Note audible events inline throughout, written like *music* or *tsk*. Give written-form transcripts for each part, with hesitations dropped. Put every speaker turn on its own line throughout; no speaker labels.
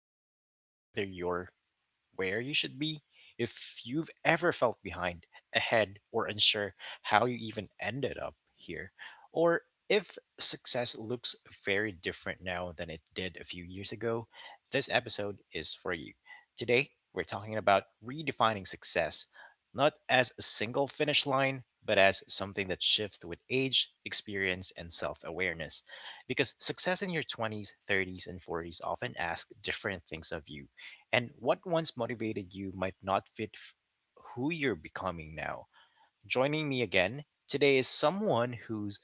while questioning whether you're where you should be. If you've ever felt behind, ahead, or unsure how you even ended up here, or if success looks very different now than it did a few years ago, this episode is for you. Today, we're talking about redefining success, not as a single finish line, but as something that shifts with age, experience, and self awareness. Because success in your 20s, 30s, and 40s often asks different things of you and what once motivated you might not fit who you're becoming now. Joining me again today is someone who's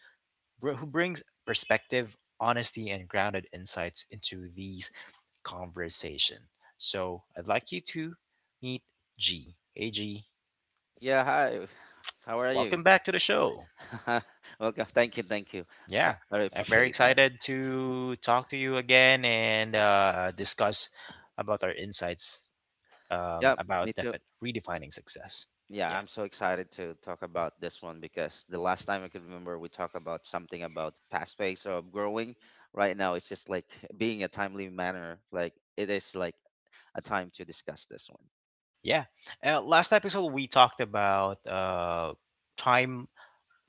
who brings perspective, honesty, and grounded insights into these conversation. So I'd like you to meet G. Hey G,
Yeah, hi. How are you?
welcome back to the show.
*laughs* Welcome. Thank you, thank you. *laughs*
Yeah,
I really
I'm very
appreciate that.
excited to talk to you again and discuss about our insights
Yep, me
about
too.
redefining success.
Yeah,
Yeah.
I'm so excited to talk about this one because the last time I could remember we talked about something about fast pace of growing. Right now, it's just like being a timely manner. Like it is like a time to discuss this.
Yeah. Last episode we talked about time.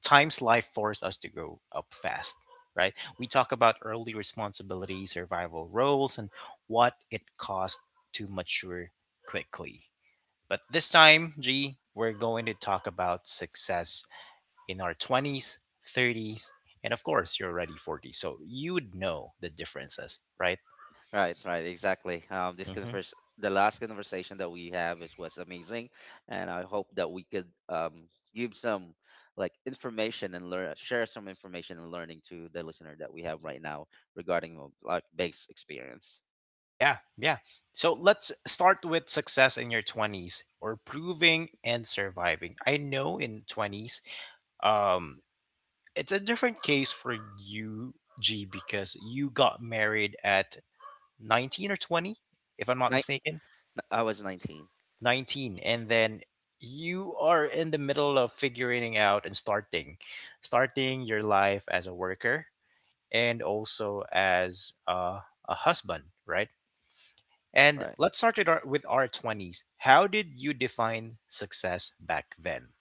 Time's life forced us to grow up fast, right? We talk about early responsibility, survival roles, and what it cost to mature quickly. But this time, G, we're going to talk about success in our 20s, thirties, and of course, you're already 40, so you'd know the differences, right?
Right, right, exactly.
Mm-hmm.
The last conversation that we have is was amazing, and I hope that we could give some like information and share some information and learning to the listener that we have right now regarding like base experience.
Yeah, yeah. So let's start with success in your 20s or proving and surviving. I know in 20s, um it's a different case for you G because you got married at 19 or 20 if I'm not
Ni-
mistaken.
I was 19,
19 and then you are in the middle of figuring out and starting your life as a worker and also as a husband, right?
right?
And let's start with our 20s. How did you define success back then?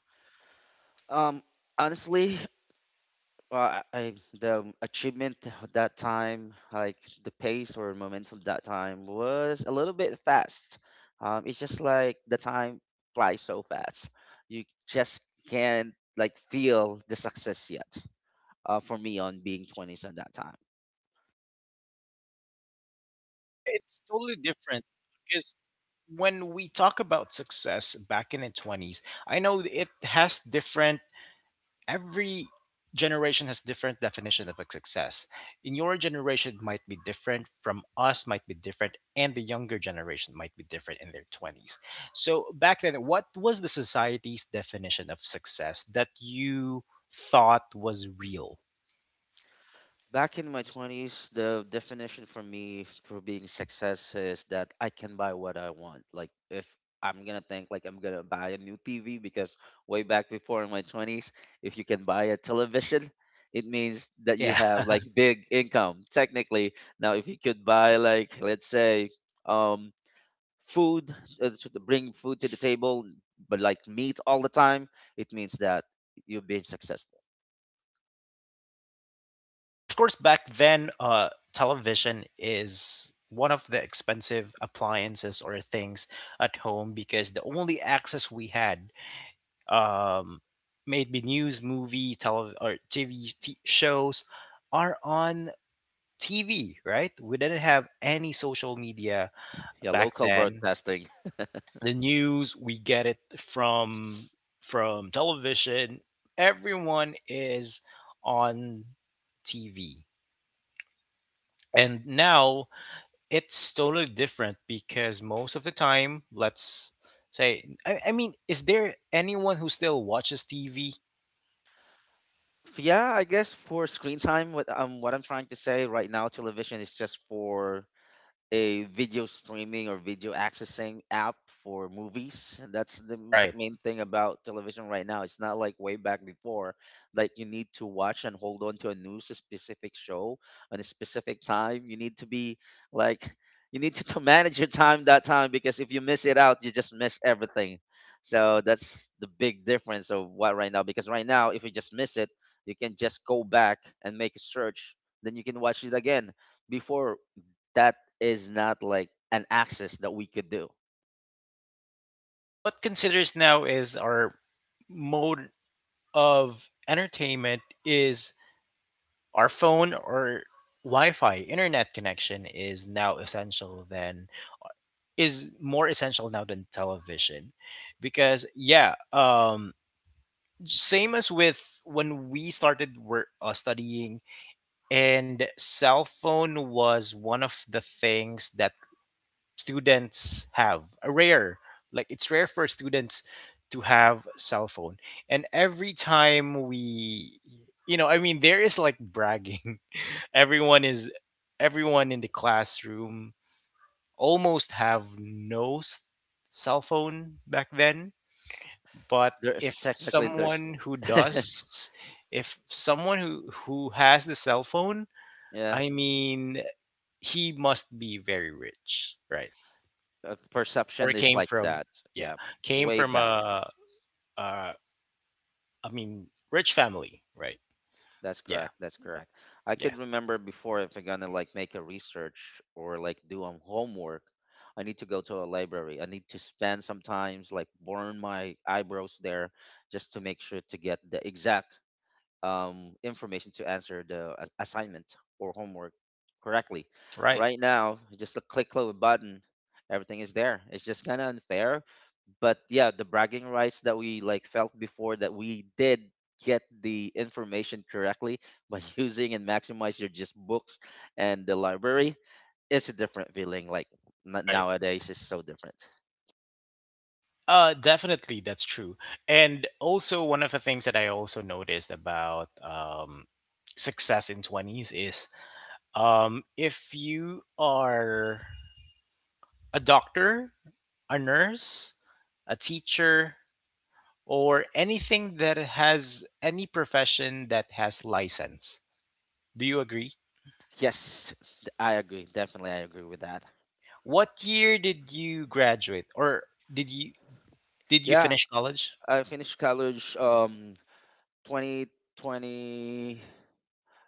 Um, Honestly, well, I the achievement of that time, like the pace or momentum that time, was a little bit fast. It's just like the time flies so fast. You just can't like feel the success yet. For me, on being twenties at that time.
Yeah, it's totally different because when we talk about success back in the 20s, I know it has different, every generation has different definition of a success. In your generation it might be different, from us might be different, and the younger generation might be different in their 20s. So back then, what was the society's definition of success that you thought was real?
Back in my 20s, the definition for me for being success is that I can buy what I want. Like if I'm gonna think like I'm gonna buy a new TV, because way back before in my 20s, if you can buy a television, it means that you
Yeah.
have
*laughs*
like big income technically. Now if you could buy like let's say um food, to bring food to the table but like meat all the time, it means that you've been successful.
Of course, back then, television is one of the expensive appliances or things at home because the only access we had um, made be news, movie, or TV shows are on TV, right? We didn't have any social media
Yeah,
back
local
then.
broadcasting.
The news we get it from television. Everyone is on TV. And now it's totally different because most of the time, let's say, I mean, is there anyone who still watches TV?
Yeah, I guess for screen time, what I'm trying to say right now, television is just for a video streaming or video accessing app for movies. That's the m-
Right.
main thing about television right now. It's not like way back before, like you need to watch and hold on to a specific show on a specific time. Like you need to manage your time that time, because if you miss it out, you just miss everything. So that's the big difference of what right now, because right now if you just miss it, you can just go back and make a search, then you can watch it again. Before, that is not like an access that we could do.
What considers now is our mode of entertainment is our phone or Wi-Fi. Internet connection is now essential than is more essential now than television, because yeah, same as with when we started work, studying and cell phone was one of the things that students have a rare like it's rare for students to have cell phone and every time we I mean there is like bragging. *laughs* Everyone is everyone in the classroom almost have no s- cell phone back then, but
There's
if
technically there's
someone who
*laughs*
does, if someone who has the cell phone,
Yeah.
I mean, he must be very rich, right? Or
Perception is
came
like
from,
that.
yeah,
Yeah,
came
way
from
back.
a, I mean, rich family, right?
That's
Yeah,
correct. That's correct. I
yeah,
could remember before, if I'm gonna like make a research or like do a homework, I need to go to a library. I need to spend sometimes like burn my eyebrows there, just to make sure to get the exact information to answer the assignment or homework correctly.
right,
Right now, just a click of a button, everything is there. It's just kind of unfair, but yeah, the bragging rights that we like felt before, that we did get the information correctly by *laughs* using and maximize your just books and the library. It's a different feeling. Like n-
right.
nowadays, it's so different.
Definitely, that's true. And also, one of the things that I also noticed about success in 20s is if you are a doctor, a nurse, a teacher, or anything that has any profession that has license. Do you agree?
Yes, I agree. Definitely, I agree with that.
What year did you graduate, or did you did you
Yeah,
finish college?
I finished college. 2020,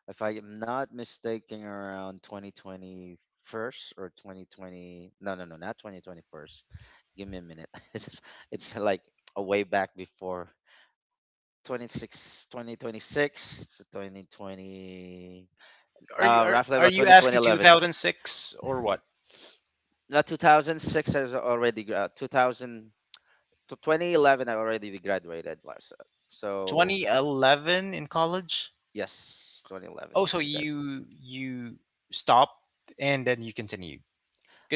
if I am not mistaken, around 2021st or 2020. No, no, no, not 2021st. Give me a minute. *laughs* It's like a way back before 26, 2026 to 2020.
Are you are,
Roughly
are
about
you asking
2011.
2006 or what?
No, 2006 is already 2000 to 2011. I already graduated last. So
2011 in college?
yes, 2011.
Oh, so you stopped and then you continued.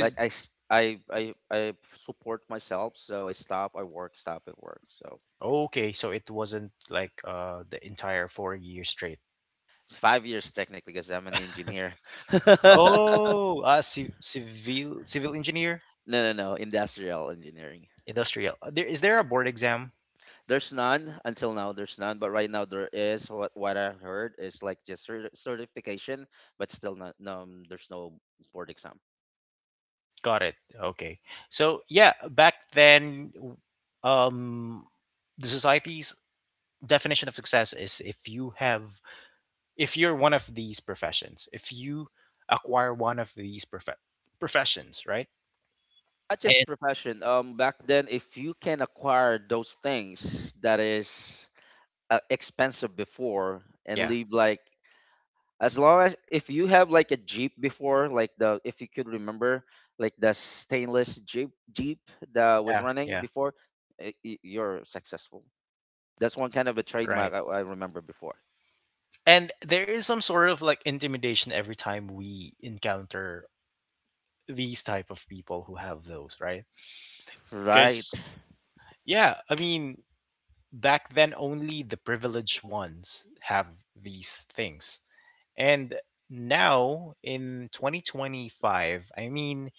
Like I support myself, so I stop, I work, stop at work. So
okay, so it wasn't like the entire 4 years straight.
5 years technically, because I'm an engineer. *laughs*
Oh, civil engineer,
No, no, no, industrial engineering.
industrial. There is there a board exam?
There's none until now. There's none, but right now there is. What I heard is like just certification, but still not. No, there's no board exam.
Got it. Okay. So yeah, back then, um, the society's definition of success is if you have, if you're one of these professions, if you acquire one of these professions, right?
Not just
And
profession. Back then, if you can acquire those things that is expensive before and
yeah,
leave like, as long as if you have like a jeep before, like the, if you could remember, like the stainless jeep that was
yeah,
running
yeah,
before, you're successful. That's one kind of a
right.
trademark. I remember before.
And there is some sort of like intimidation every time we encounter these type of people who have those, right? Because
Right.
yeah, I mean, back then, only the privileged ones have these things. And now in 2025, I mean,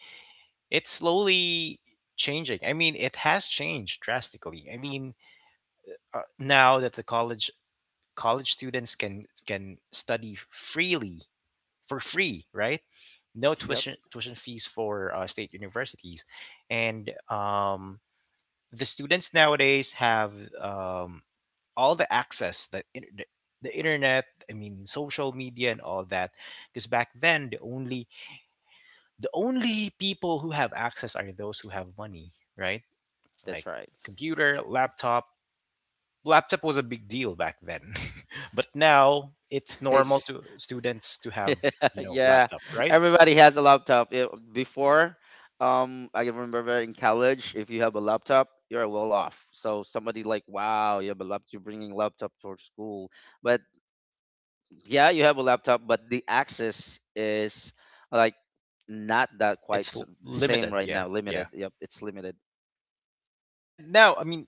it's slowly changing. I mean, it has changed drastically. I mean, now that the college students can study freely for free, right? No
Yep.
tuition fees for state universities, and the students nowadays have um, all the access that in, the internet. I mean social media and all that, because back then the only, the only people who have access are those who have money, right?
That's
Like
right.
computer, laptop, laptop was a big deal back then. *laughs* But now it's normal
It's
to students to have,
*laughs*
you know,
yeah,
laptop, right?
everybody has a laptop. Yeah, before, I can remember in college, if you have a laptop you're well off. So somebody like, wow, you have a laptop, you're bringing laptop for school. But yeah, you have a laptop, but the access is like not that quite
It's
the same
limited,
right
yeah,
now.
yeah.
Limited. Yep, it's limited.
And now I mean,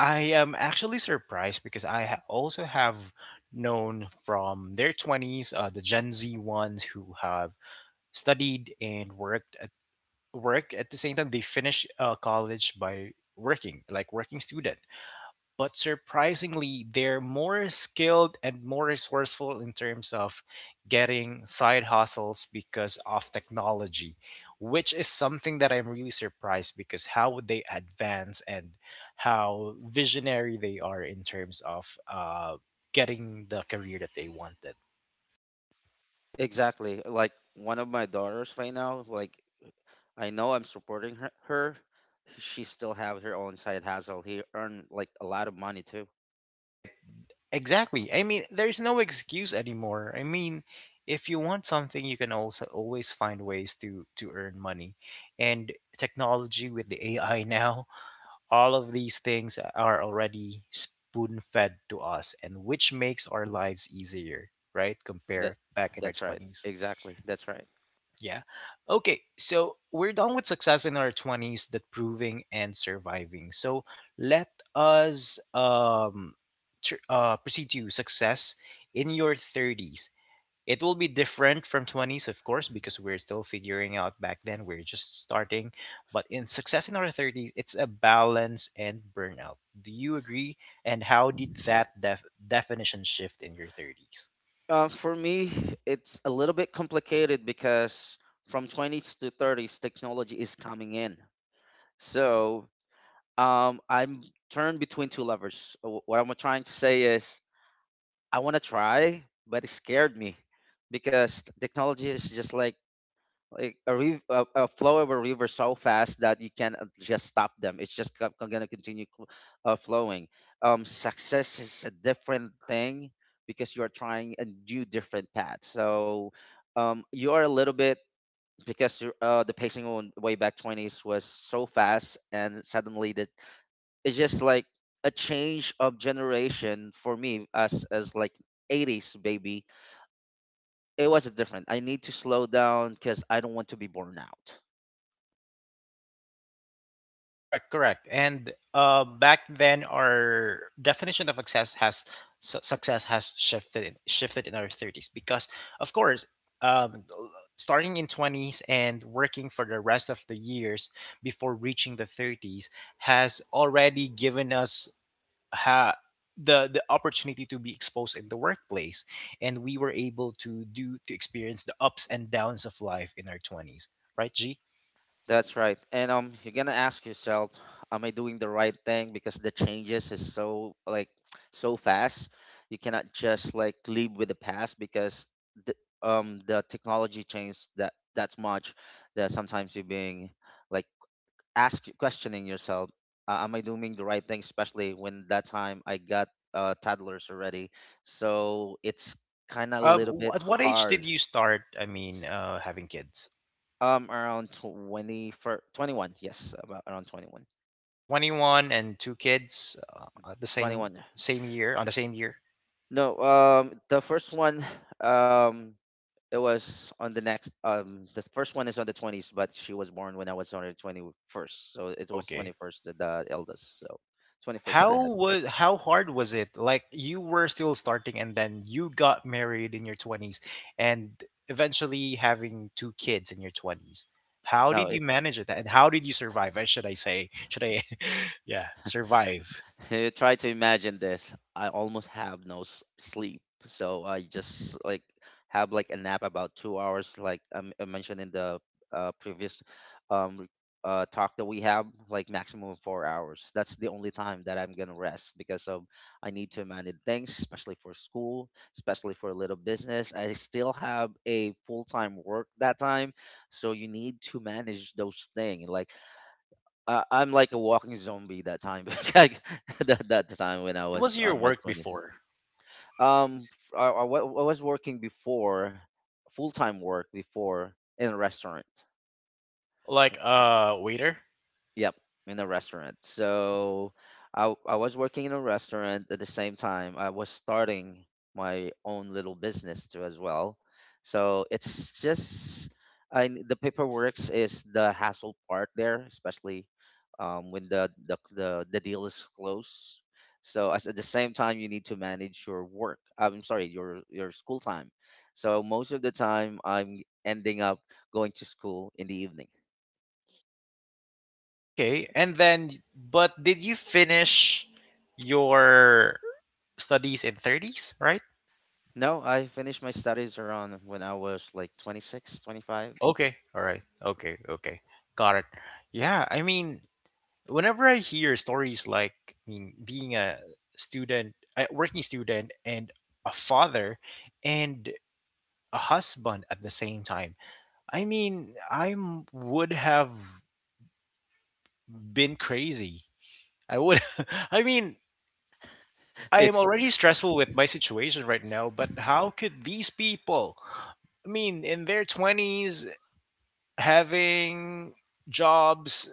I am actually surprised because I also have known from their 20s, the Gen Z ones who have studied and work at the same time they finish college by working, like working student, but surprisingly, they're more skilled and more resourceful in terms of getting side hustles because of technology, which is something that I'm really surprised because how would they advance and how visionary they are in terms of getting the career that they wanted.
Exactly. Like one of my daughters right now, like I know I'm supporting her. She still have her own side hustle. He earn like a lot of money too.
Right. Exactly. I mean, there's no excuse anymore. I mean, if you want something, you can also always find ways to earn money. And technology with the AI now, *laughs* all of these things are already spoon-fed to us and which makes our lives easier, right?
That
Compare back in our
that's right.
20s.
Exactly. That's right.
Yeah. Okay. So we're done with success in our 20s, that proving and surviving. So let us proceed to success in your 30s. It will be different from 20s, of course, because we're still figuring out back then. We're just starting. But in success in our 30s, it's a balance and burnout. Do you agree? And how did that definition shift in your 30s?
For me, it's a little bit complicated because from 20s to 30s, technology is coming in. So I'm turned between two lovers. What I'm trying to say is, I want to try, but it scared me, because technology is just like a flow of a river so fast that you can't just stop them. It's just gonna continue flowing. Success is a different thing, because you are trying a new different path. So you are a little bit, because you're, the pacing on way back 20s was so fast, and suddenly the it's just like a change of generation for me, as like 80s baby. It was different. I need to slow down because I don't want to be born out.
Correct, correct. And back then, our definition of success has shifted in our 30s because, of course, um, l- starting in twenties and working for the rest of the years before reaching the 30s has already given us ha- the opportunity to be exposed in the workplace, and we were able to do to experience the ups and downs of life in our twenties. Right, G?
That's right. And you're gonna ask yourself, am I doing the right thing? Because the changes is so like so fast, you cannot just like live with the past, because the, the technology changed that much that sometimes you're being like ask questioning yourself, am I doing the right thing, especially when that time I got toddlers already, so it's kind of a little bit
At what age did
hard.
you start? I mean, having kids.
Around 20 for 21, yes, about around 21
21 and two kids at the
21 yeah.
same year.
No, the first one, *sighs* um it was on the next, the first one is on the 20s, but she was born when I was on the 21st, so it was
Okay.
21st, the eldest, so 21st I
How
had kid.
was how hard was it? Like you were still starting, and then you got married in your 20s, and eventually having two kids in your twenties. How
No.
did you manage it, and how did you survive? I should I say? Should I? *laughs* yeah, survive.
*laughs* Try to imagine this. I almost have no sleep, so I just like have like a nap about 2 hours, like I mentioned in the previous um re- talk that we have, like maximum of 4 hours. That's the only time that I'm gonna rest, because of I need to manage things, especially for school, especially for a little business. I still have a full time work that time, so you need to manage those things. Like I'm like a walking zombie that time. *laughs* Like, that time when I
What was
was
your
on my
work
twenties.
before?
I was working before, full time work before in a restaurant.
Like a waiter?
Yep, in a restaurant. So I was working in a restaurant at the same time. I was starting my own little business too as well. So it's just, the paperwork's is the hassle part there, especially when the deal is closed. So at the same time, you need to manage your work. I'm sorry, your school time. So most of the time, I'm ending up going to school in the evening.
Okay, and then but did you finish your studies in 30s, right?
No, I finished my studies around when I was like 26, 25.
Okay. All right. Okay. Okay. Got it. Yeah, I mean, whenever I hear stories like, I mean, being a student, a working student and a father and a husband at the same time. I mean, I would have been crazy. I would. *laughs* I mean, I am
It's
already stressful with my situation right now, but how could these people, I mean, in their 20s, having jobs,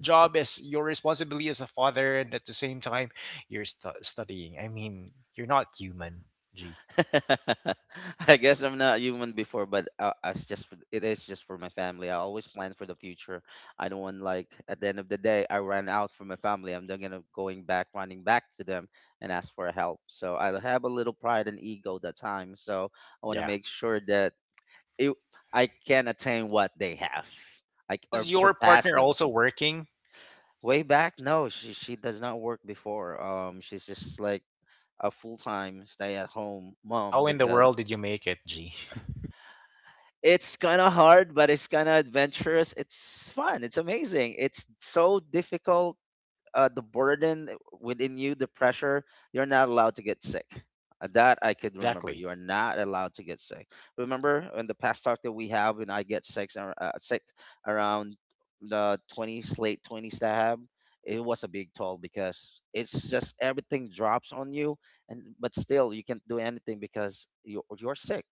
job as your responsibility as a father, and at the same time, you're studying? I mean, you're not human, G.
*laughs* I guess I'm not human before, but I s- just for- it is just for my family. I always plan for the future. I don't want like at the end of the day I ran out from my family. I'm not gonna going back running back to them and ask for help. So I have a little pride and ego that time. So I want to
Yeah.
make sure that it, I can attain what they have. Or
Was your
surpass
partner
them.
also working?
Way back, no, she does not work before. She's just like a full time stay at home mom,
How in the
because
world did you make it, G?
it's kind of hard, but it's kind of adventurous. It's fun. It's amazing. It's so difficult, the burden within you, the pressure, you're not allowed to get sick. That I could remember.
Exactly.
You are not allowed to get sick. Remember in the past talk that we have, when I get sick, sick around the 20s, late 20s I have, it was a big toll, because it's just everything drops on you, and but still you can't do anything because you're sick.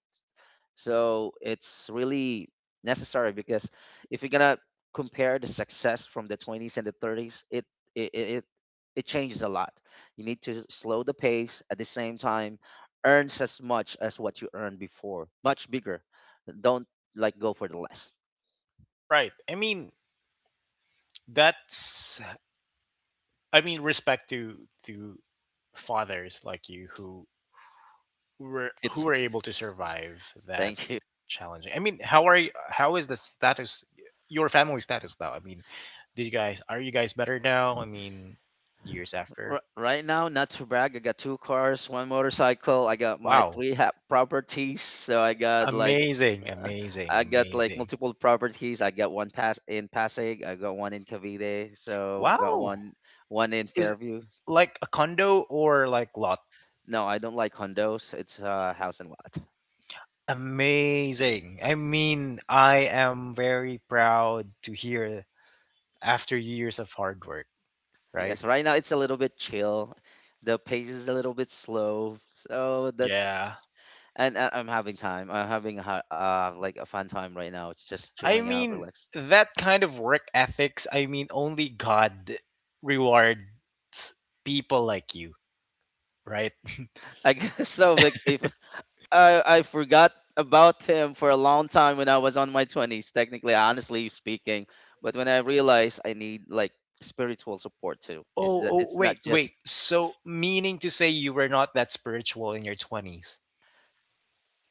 So it's really necessary, because if you're gonna compare the success from the 20s and the 30s, it it it it changes a lot. You need to slow the pace at the same time, earns as much as what you earned before, much bigger. Don't like go for the less.
Right. I mean, that's, I mean respect to fathers like you who were
*laughs*
able to survive that
Thank you.
challenging. I mean, how are you, how is the status, your family status now? I mean, do you guys, are you guys better now? I mean, years after.
Right now, not to brag, I got two cars, one motorcycle. I got my
Wow.
three ha- properties. So I got like
Amazing,
*laughs*
amazing,
I got like
amazing.
multiple properties. I got one pass in Pasig. I got one in Cavite. So got
Wow.
one in
Is it
Fairview.
like a condo or like lot?
No, I don't like condos. It's house and lot.
Amazing. I mean, I am very proud to hear after years of hard work, right?
Yes, right now it's a little bit chill. The pace is a little bit slow. So that's
Yeah.
I'm having time. I'm having like a fun time right now. It's just
I
chilling out,
mean,
relax.
that kind of work ethics, I mean, only God rewards people like you, right?
I *laughs* guess so. Like if I I forgot about him for a long time when I was on my 20s, technically, honestly speaking. But when I realized I need like spiritual support too, it's
Oh,
that
oh,
it's not
wait,
just
wait. So, meaning to say you were not that spiritual in your 20s?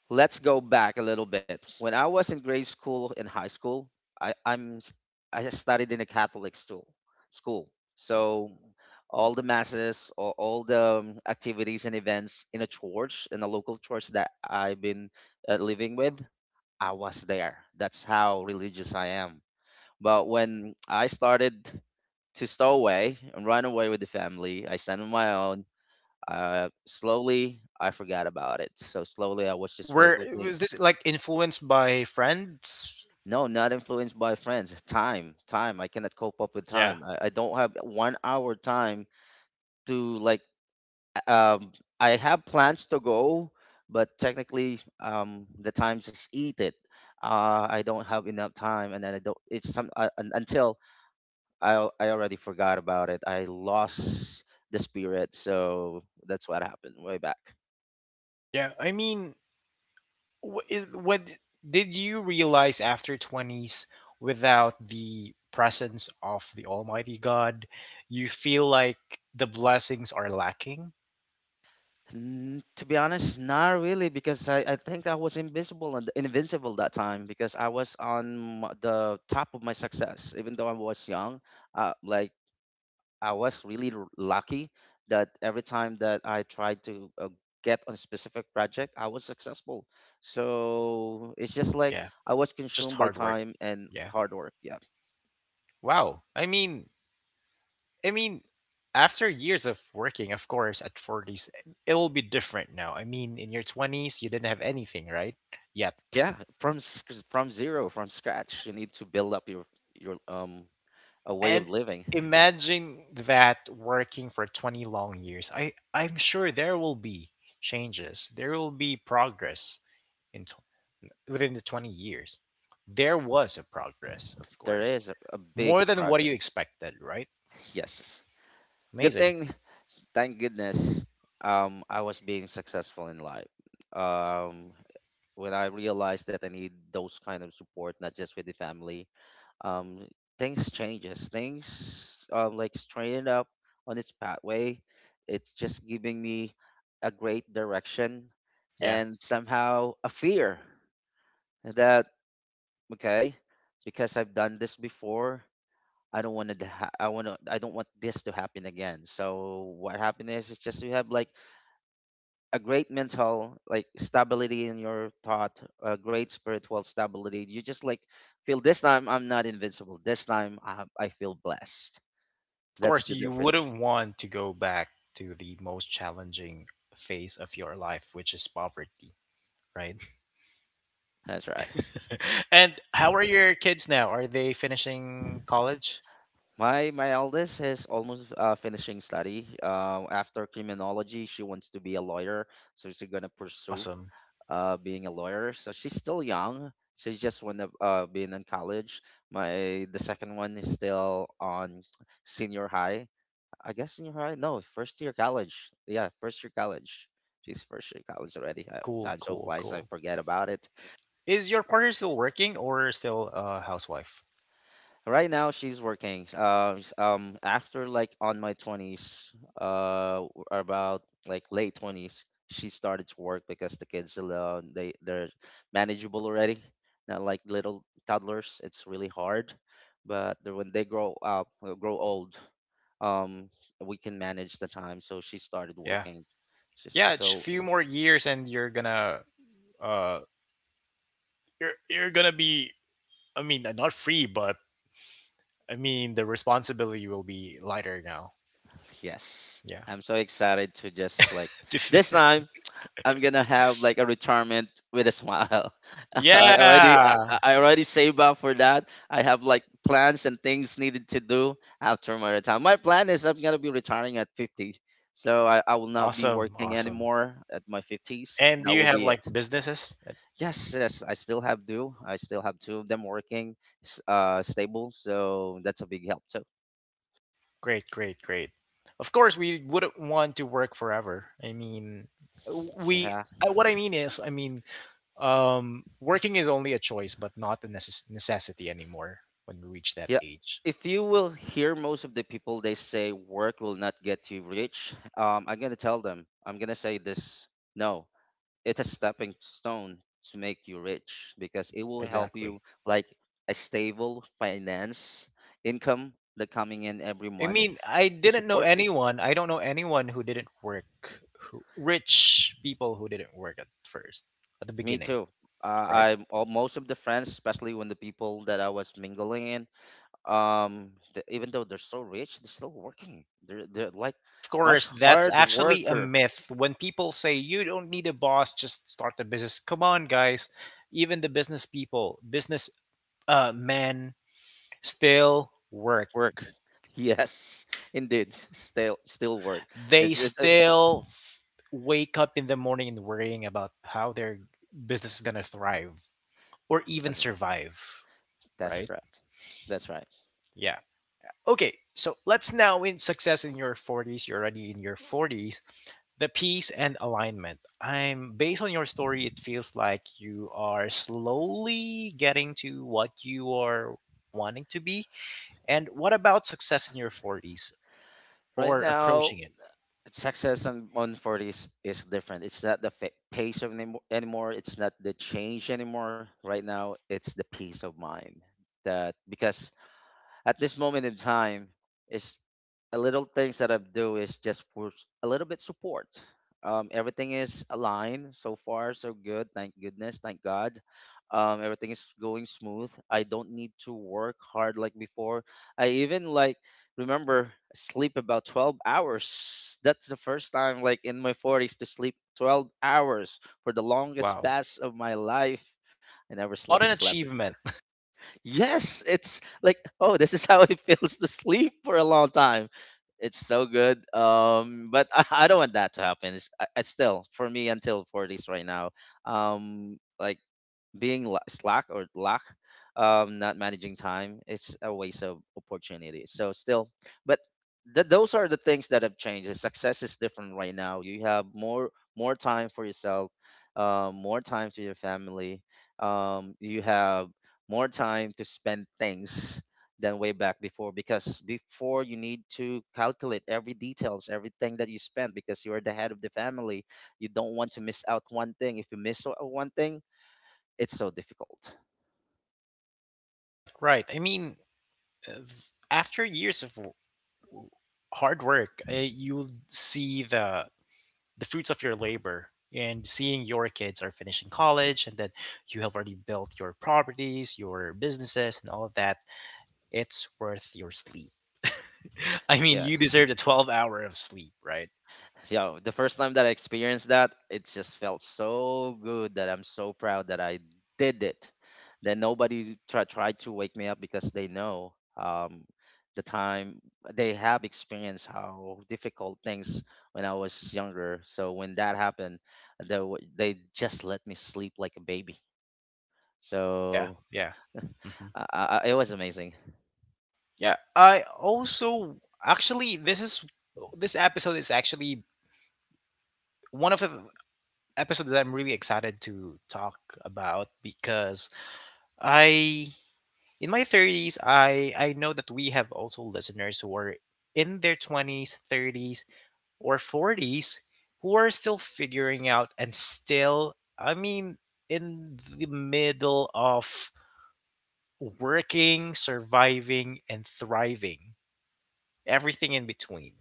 let's go back a little bit. When I was in grade school and high school, I, I'm s- I studied in a Catholic school. School, so all the masses, or all the activities and events in a church, in a local church that I've been living with, I was there. That's how religious I am. But when I started to stow away and run away with the family, I stand on my own. Slowly, I forgot about it. So slowly, I was just
Were,
focusing.
was this like influenced by friends?
No, not influenced by friends. Time. I cannot cope up with
Yeah.
time. I don't have 1 hour time to like. Um, I have plans to go, but technically, the time just eat it. I don't have enough time, and then I don't. It's some until I already forgot about it. I lost the spirit, so that's what happened way back.
Yeah, I mean, wh- is what did you realize after 20s without the presence of the Almighty God, you feel like the blessings are lacking?
Mm, to be honest, not really, because I think I was invisible and invincible that time because I was on the top of my success. Even though I was young, uh, like I was really lucky that every time that I tried to get on a specific project, I was successful. So it's just like
Yeah.
I was
Just
consumed by
hard work.
time and
Yeah.
hard work. Yeah,
Wow. I mean, after years of working, of course, at 40s, it will be different now. I mean, in your 20s, you didn't have anything, right? Yet.
yeah. From from zero, from scratch, you need to build up your a way of
And
living.
imagine that working for 20 long years. I'm sure there will be changes. There will be progress in tw- within the 20 years. There was a progress, of
There
course.
is a
More
big
than what you
progress.
expected, right?
Yes. Good
Amazing.
thing, thank goodness, I was being successful in life. Um, when I realized that I need those kind of support, not just with the family, um, things changes. Things like straighten up on its pathway. It's just giving me a great direction and somehow a fear that okay, because I've done this before, I want to. I don't want this to happen again. So what happened is, it's just you have like a great mental like stability in your thought, a great spiritual stability. You just like feel this time I'm not invincible. This time I feel blessed.
Of
That's
course,
the
you
difference.
wouldn't want to go back to the most challenging phase of your life, which is poverty, right?
That's right.
*laughs* And how are your kids now? Are they finishing college?
My eldest is almost finishing study. After criminology, she wants to be a lawyer, so she's gonna pursue
Awesome.
being a lawyer. So she's still young. She's just one of being in college. My the second one is still on senior high. I guess senior high. No, first year college. Yeah, first year college. She's first year college already.
Cool,
Time so
cool,
flies, I
cool.
forget about it.
Is your partner still working or still a housewife?
Right now she's working. After like on my twenties, about like late 20s, she started to work because the kids they're manageable already. Not like little toddlers. It's really hard, but when they grow up, grow old, um, we can manage the time. So she started
Yeah.
working. Just
Yeah, it's
so
few more years and uh you're gonna be I mean, not free, but I mean the responsibility will be lighter now.
yes,
Yeah.
I'm so excited to just like
*laughs* To
this
f-
time I'm gonna have like a retirement with a smile. *laughs* I already I
yeah.
I already saved up for that. I have like plans and things needed to do after my retirement. My plan is I'm gonna be retiring at 50, so I will not be
Awesome.
working
Awesome.
anymore at my 50s.
And do
That
you
will
have
be
like
it.
businesses?
Yes, yes, I still have do. I still have two of them working, stable. So that's a big help too.
Great, great, great. Of course, we wouldn't want to work forever. I mean, we.
Yeah.
What I mean is, I mean, working is only a choice, but not a necessity anymore when we reach that
Yeah.
age.
If you will hear most of the people, they say work will not get you rich. I'm gonna tell them. I'm gonna say this. No, it's a stepping stone to make you rich because it will help
Exactly.
you like a stable finance income that coming in every
I
month
mean, I
to
didn't know
support you.
anyone. I don't know anyone who didn't work. Who, rich people who didn't work at first, at the
Me
beginning,
too.
right?
I all, most of the friends, especially when the people that I was mingling in, even though they're so rich, they're still working. They're like
Of
much
course, that's
hard
actually a
worker
myth. When people say you don't need a boss, just start a business. Come on, guys. Even the business people, business men still work.
work. *laughs* Yes, indeed, still work.
They
It's just a,
still f- Wake up in the morning and worrying about how their business is going to thrive or even
that's,
survive,
that's
right?
correct. That's right.
Yeah. Okay, so let's now in success in your 40s. You're already in your 40s, the peace and alignment. I'm Based on your story, it feels like you are slowly getting to what you are wanting to be. And what about success in your 40s
Right
or
now,
approaching it?
success on forties is different. It's not the fa- pace of anymore, anymore. It's not the change anymore. Right now, it's the peace of mind that because at this moment in time is a little things that I do is just for a little bit support. Everything is aligned so far, so good. Thank goodness, thank God. Everything is going smooth. I don't need to work hard like before. I even like remember sleep about 12 hours. That's the first time like in my 40s to sleep 12 hours for the longest
Wow,
pass of my life. I never sl-
what an
slept.
achievement.
Yes, it's like, oh, this is *laughs* how it feels to sleep for a long time. It's so good. But I don't want that to happen. It's still for me until 40s right now. Like being slack or lack, not managing time, it's a waste of opportunity, so still, but those are the things that have changed. The success is different right now. You have more time for yourself, more time to your family, you have more time to spend things than way back before, because before you need to calculate every details, everything that you spend, because you're the head of the family. You don't want to miss out one thing. If you miss one thing, it's so difficult.
*laughs* Right, right. I mean uh, after years of hard work, you'll see the fruits of your labor and seeing your kids are finishing college, and then you have already built your properties, your businesses, and all of that. It's worth your sleep. *laughs* I mean, you
Yes.
deserve the 12 hour of sleep, right?
Yeah. The first time that I experienced that, it just felt so good that I'm so proud that I did it. Then nobody tried to wake me up because they know the time they have experienced how difficult things when I was younger. So when that happened, they just let me sleep like a baby.
Yeah,
So
yeah. hmm
*laughs* it was amazing.
Yeah, I also, actually, this episode is actually one of the episodes that I'm really excited to talk about. Because I in my 30s, I know that we have also listeners who are in their 20s, 30s or 40s who are still figuring out and still, I mean, in the middle of working, surviving, and thriving, everything in between.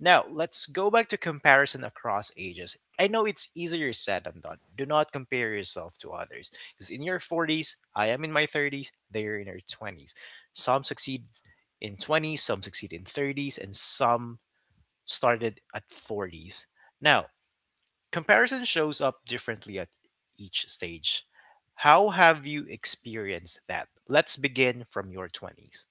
Now, let's go back to comparison across ages. I know it's easier said than done. Do not compare yourself to others. Because in your 40s, I am in my 30s, they're in their 20s. Some succeed in 20s, some succeed in 30s, and some started at 40s. Now, comparison shows up differently at each stage. How have you experienced that? Let's begin from your 20s.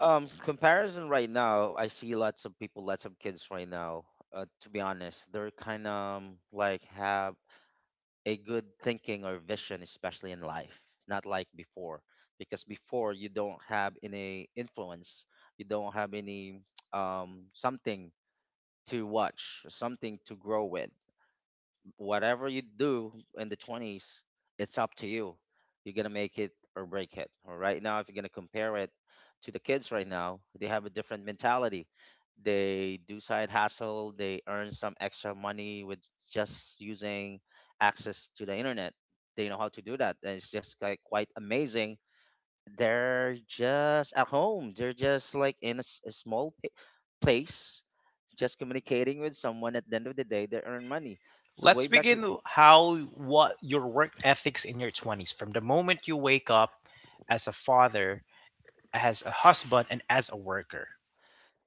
Comparison right now, I see lots of people, lots of kids right now. To be honest, they're kind of like have a good thinking or vision, especially in life, not like before. Because before you don't have any influence, you don't have any *tsk* something to watch, something to grow with whatever you do in the 20s, it's up to you. You're going to make it or break it. Or right now, if you're going to compare it to the kids right now, they have a different mentality. They do side hustle, they earn some extra money with just using access to the internet. They know how to do that. And it's just like quite amazing. They're just at home, they're just like in a small place, just communicating with someone at the end of the day, they earn money. So way back
How what your work ethics in your 20s from the moment you wake up as a father, as a husband and as a worker.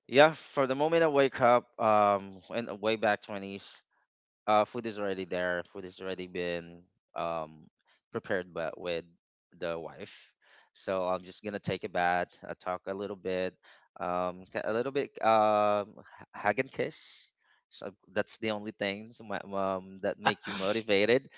yeah, for the moment I wake up, in way back twenties, food is already there. Food is already been um prepared, but with the wife. So I'm just gonna take a bath, talk a little bit, a little bit hug and kiss. So that's the only thing so my, that make you motivated.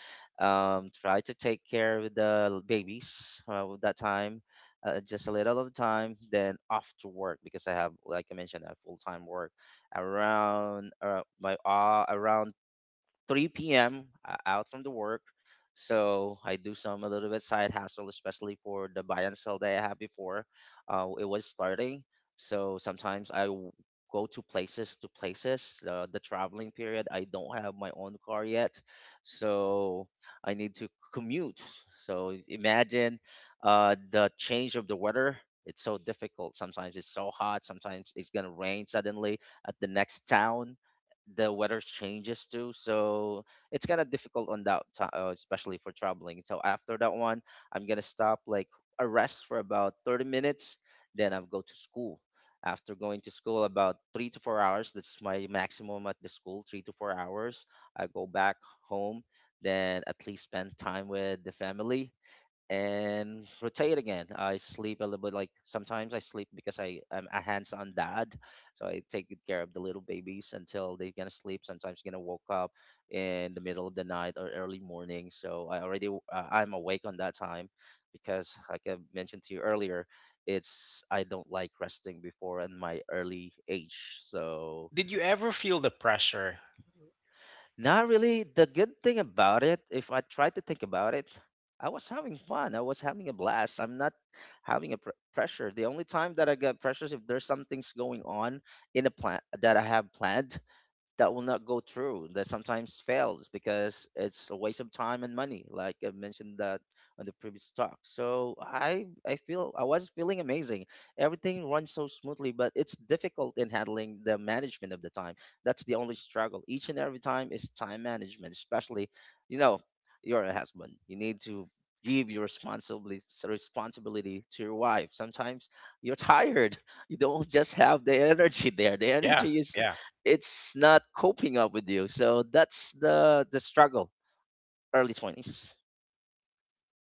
Try to take care of the babies with that time, just a little of time. Then off to work because I have, like I mentioned, a full time work around my around 3 p.m. Out from the work. So I do some a little bit side hustle, especially for the buy and sell that I had before. It was starting. So sometimes go to places to places. The traveling period, I don't have my own car yet, so I need to commute. So imagine the change of the weather. It's so difficult. Sometimes it's so hot. Sometimes it's gonna rain suddenly at the next town, the weather changes too, so it's kind of difficult on that time, especially for traveling. So after that one, I'm gonna stop, like, a rest for about 30 minutes, then I'll go to school. After going to school about 3 to 4 hours — that's my maximum at the school, 3 to 4 hours — I go back home, then at least spend time with the family and rotate again. I sleep a little bit, like sometimes I sleep because I am a hands-on dad, so I take good care of the little babies until they're gonna sleep. Sometimes gonna woke up in the middle of the night or early morning, so I already I'm awake on that time because, like I mentioned to you earlier, it's I don't like resting before in my early age, so
Did you ever feel the pressure?
not really. The good thing about it, if I try to think about it, I was having fun. I was having a blast. I'm not having a pressure. The only time that I get pressures if there's some things going on in a plan that I have planned, that will not go through, that sometimes fails because it's a waste of time and money, like I mentioned that on the previous talk. So I feel I was feeling amazing. Everything runs so smoothly, but it's difficult in handling the management of the time. That's the only struggle each and every time, is time management, especially, you know you're a husband, you need to give your responsibility to your wife. Sometimes you're *laughs* tired, you don't just have the energy there. The
Yeah,
energy is
yeah.
it's not coping up with you. So that's the struggle. early 20s.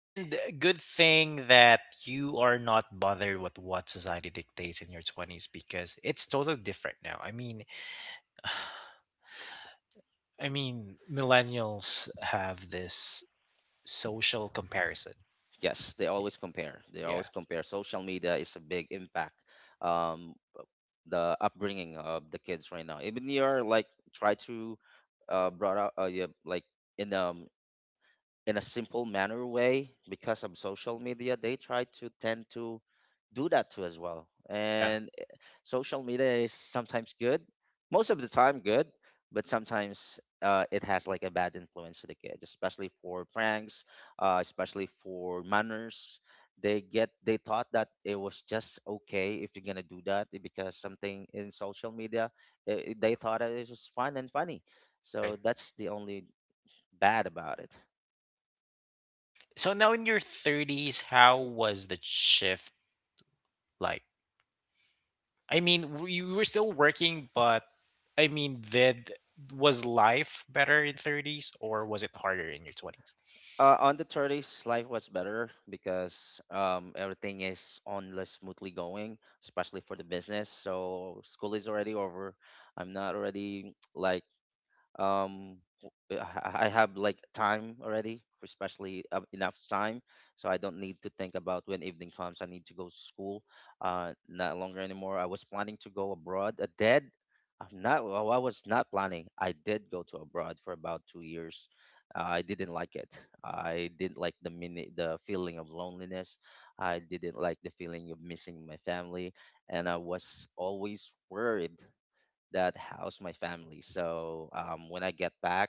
And good thing that you are not bothered with what society dictates in your 20s because it's totally different now. I mean, millennials have this social comparison.
Yes, they
Y-
always compare. They always
Yeah.
compare. Social media is a big impact. Um, the upbringing of the kids right now. Even you're like try to brought up, yeah, like in in a simple manner way. Because of social media, they try to tend to do that too as well.
Yeah,
And social media is sometimes good, most of the time good, but sometimes it has like a bad influence to the kids, especially for pranks, especially for manners. They thought that it was just okay if you're gonna do that because something in social media, they thought it was fun and funny.
right.
So that's the only bad about it.
So now in your 30s, how was the shift like? You were still working, but I mean, did was life better in 30s or was it harder in your 20s?
On the 30s, life was better because everything is on less smoothly going, especially for the business. So school is already over. I'm not already like I have like time already, especially enough time, so I don't need to think about when evening comes. I need to go to school. Not longer anymore. I was planning to go abroad. I did. I'm not. Well, I was not planning. I did go to abroad for about 2 years. I didn't like it. I didn't like the feeling of loneliness. I didn't like the feeling of missing my family, and I was always worried that house my family. So when I get back,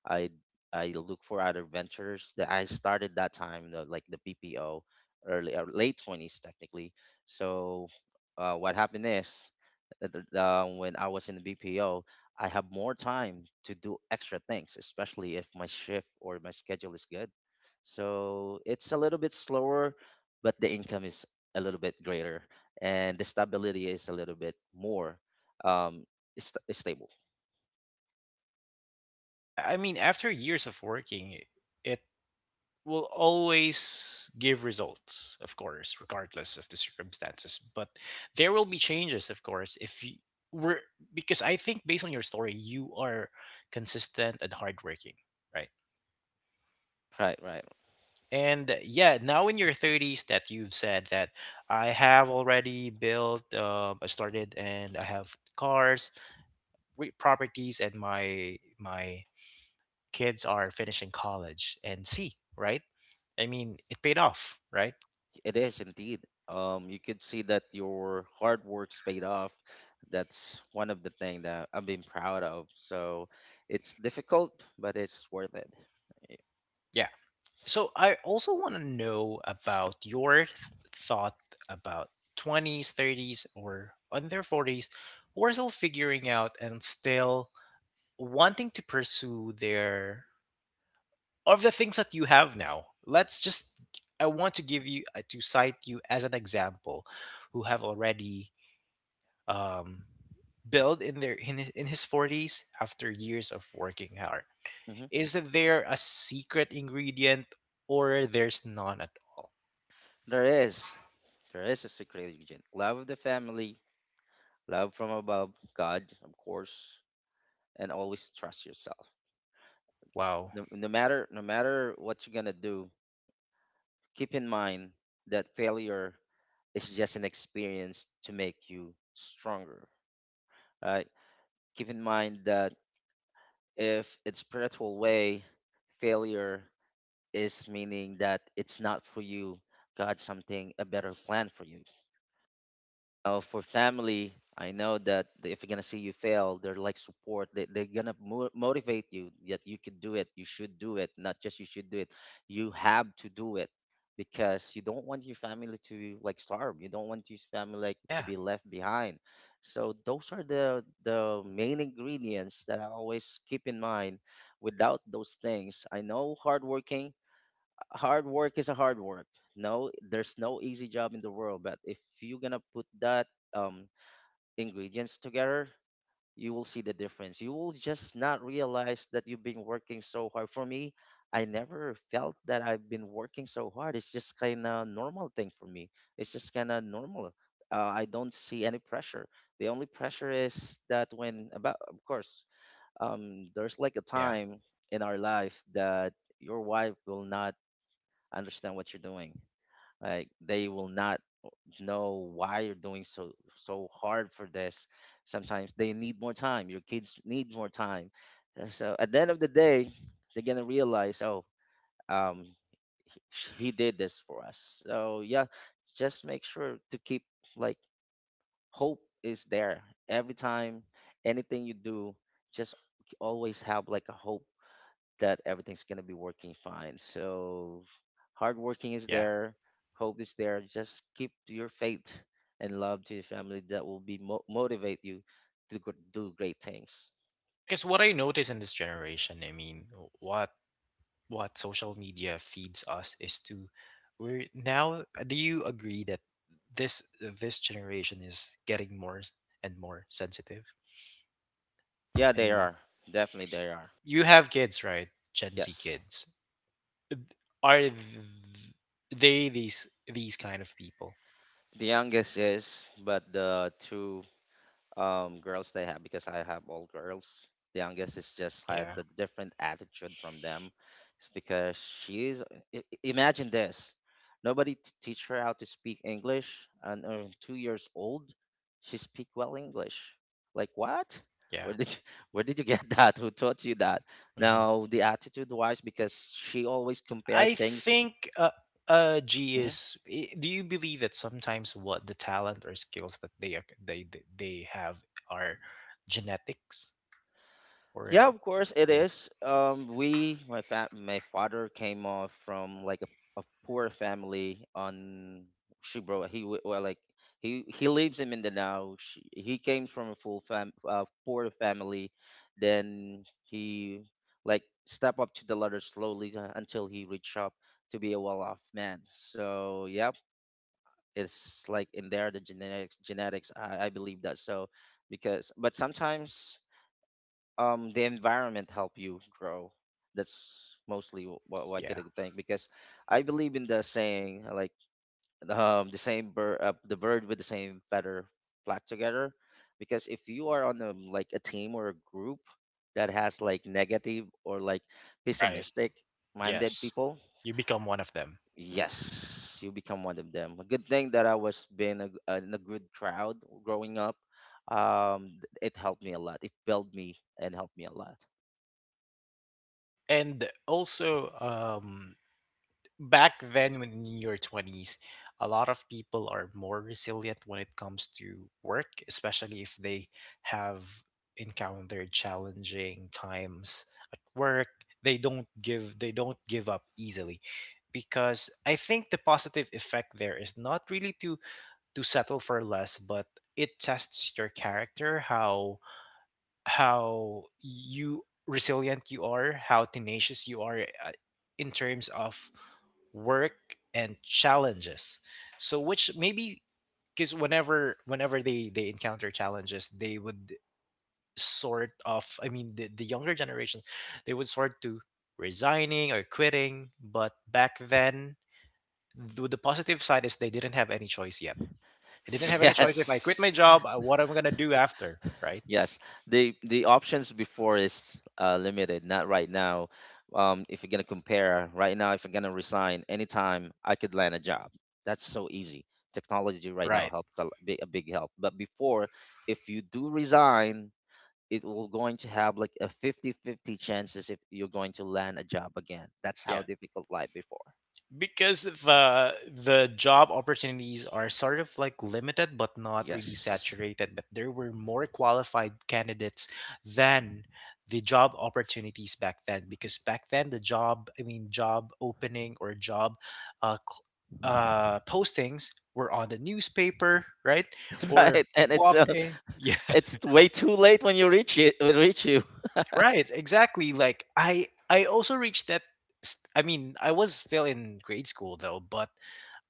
I I look for other ventures that I started that time, like the PPO, early or late 20s technically. So what happened is that when I was in the BPO, I have more time to do extra things, especially if my shift or my schedule is good. So it's a little bit slower, but the income is a little bit greater and the stability is a little bit more. Um, Stable.
Yeah, I mean, after years of working, it will always give results, of course, regardless of the circumstances. But there will be changes, of course, if you were, because I think based on your story, you are consistent and hardworking, right?
Right, right.
And yeah, now in your thirties, that you've said that I have already built, I started, and I have cars, properties, and my kids are finishing college and see, right? I mean, it paid off, right?
It is indeed. You could see that your hard work's paid off. That's one of the thing that I've been proud of. So it's difficult, but it's worth it.
Yeah. So I also want to know about your thought about 20s, 30s, or in their 40s who are still figuring out and still wanting to pursue their of the things that you have now. Let's just I want to give you, to cite you as an example who have already um built in in his 40s after years of working hard.
Hmm.
Is there a secret ingredient or there's none at all?
There is, there is a secret ingredient: love of the family, love from above, God, of course, and always trust yourself.
Wow.
No, no matter what you're gonna do, keep in mind that failure is just an experience to make you stronger. Right. Keep in mind that if it's spiritual way, failure is meaning that it's not for you. God something a better plan for you. For family, I know that if you're gonna see you fail, they're like support. They're gonna motivate you that you can do it. You should do it. Not just you should do it. You have to do it because you don't want your family to like starve. You don't want your family like to
Yeah,
be left behind. So those are the main ingredients that I always keep in mind. Without those things, I know hard work is a hard work. No, there's no easy job in the world, but if you're gonna put that um ingredients together, you will see the difference. You will just not realize that you've been working so hard. For me, I never felt that I've been working so hard. It's just kind of normal thing for me. It's just kind of normal. I don't see any pressure. The only pressure is that when about of course there's like a
yeah,
time in our life that your wife will not understand what you're doing. Like they will not know why you're doing so hard for this. Sometimes they need more time. Your kids need more time. And so at the end of the day, they're gonna realize, oh, um, he did this for us. So yeah, just make sure to keep like hope is there every time. Anything you do, just always have like a hope that everything's going to be working fine. So hard working is
yeah,
there, hope is there. Just keep to your faith and love to your family. That will be motivate you to do great things.
yeah. Because what I notice in this generation, I mean, what social media feeds us is to we're now. Do you agree that this generation is getting more and more sensitive?
Yeah,
I
they
mean,
are. Definitely they are.
you have kids, right? Gen Z
Yes.
kids are th- they these kind of people?
The youngest is, but the two girls they have, because I have all girls. The youngest is just had
Yeah,
the different attitude from them. It's because she's imagine this. Nobody teach her how to speak English and 2 years old she speak well English. Like what?
yeah.
Where did you, *laughs* where did you get *laughs* that? Who taught you that?
Mm-hmm.
Now the attitude wise, because she always compared
I
things.
think G is. Do you believe that sometimes what the talent or skills that they ac- they have are genetics or
Yeah, of course it
yeah
is. My father came off from like a poor family on Shibro. Well, like he lives in Mindanao. He came from a full fam poor family. Then he like step up to the ladder slowly, until he reached up to be a well-off man. So yeah, it's like in there the genetics. I believe that. So because but sometimes the environment help you grow. That's mostly what I
yeah
could think, because I believe in the saying, like, the same bird the bird with the same feather flock together. Because if you are on a like a team or a group that has like negative or like
right
pessimistic minded
yes
people,
you become one of them.
yes, you become one of them. A good thing that I was being a, in a good crowd growing up. It helped me a lot, it built me and helped me a lot.
And also, back then when in your 20s, a lot of people are more resilient when it comes to work, especially if they have encountered challenging times at work. They don't give they don't give up easily because I think the positive effect there is not really to settle for less, but it tests your character, how you resilient you are, how tenacious you are in terms of work and challenges. So which maybe, because whenever they encounter challenges, they would sort of, I mean, the younger generation, they would sort to resigning or quitting. But back then, the positive side is they didn't have any choice yet. I didn't
*laughs*
have any choice if I quit
Yes.
my job, what am I gonna do after? Right?
Yes. The options before is limited, not right now. If you're gonna compare right now, if you're gonna resign anytime, I could land a job. That's so easy. Technology right now
Right.
helps a big help. But before, if you do resign, it will going to have like a 50-50 chances if you're going to land a job again. That's how
Yeah.
difficult life before.
Because the job opportunities are sort of like limited, but not really
Yes. *laughs*
saturated, but there were more qualified candidates than the job opportunities back then. Because back then, the job, I mean job opening or job uh, cl- postings were on the newspaper, right? Or
Right. And it's
walk in. *laughs* Yeah,
*laughs* it's way too late when you reach it, when reach you.
right. Exactly. Like I also reached that I mean, I was still in grade school though. But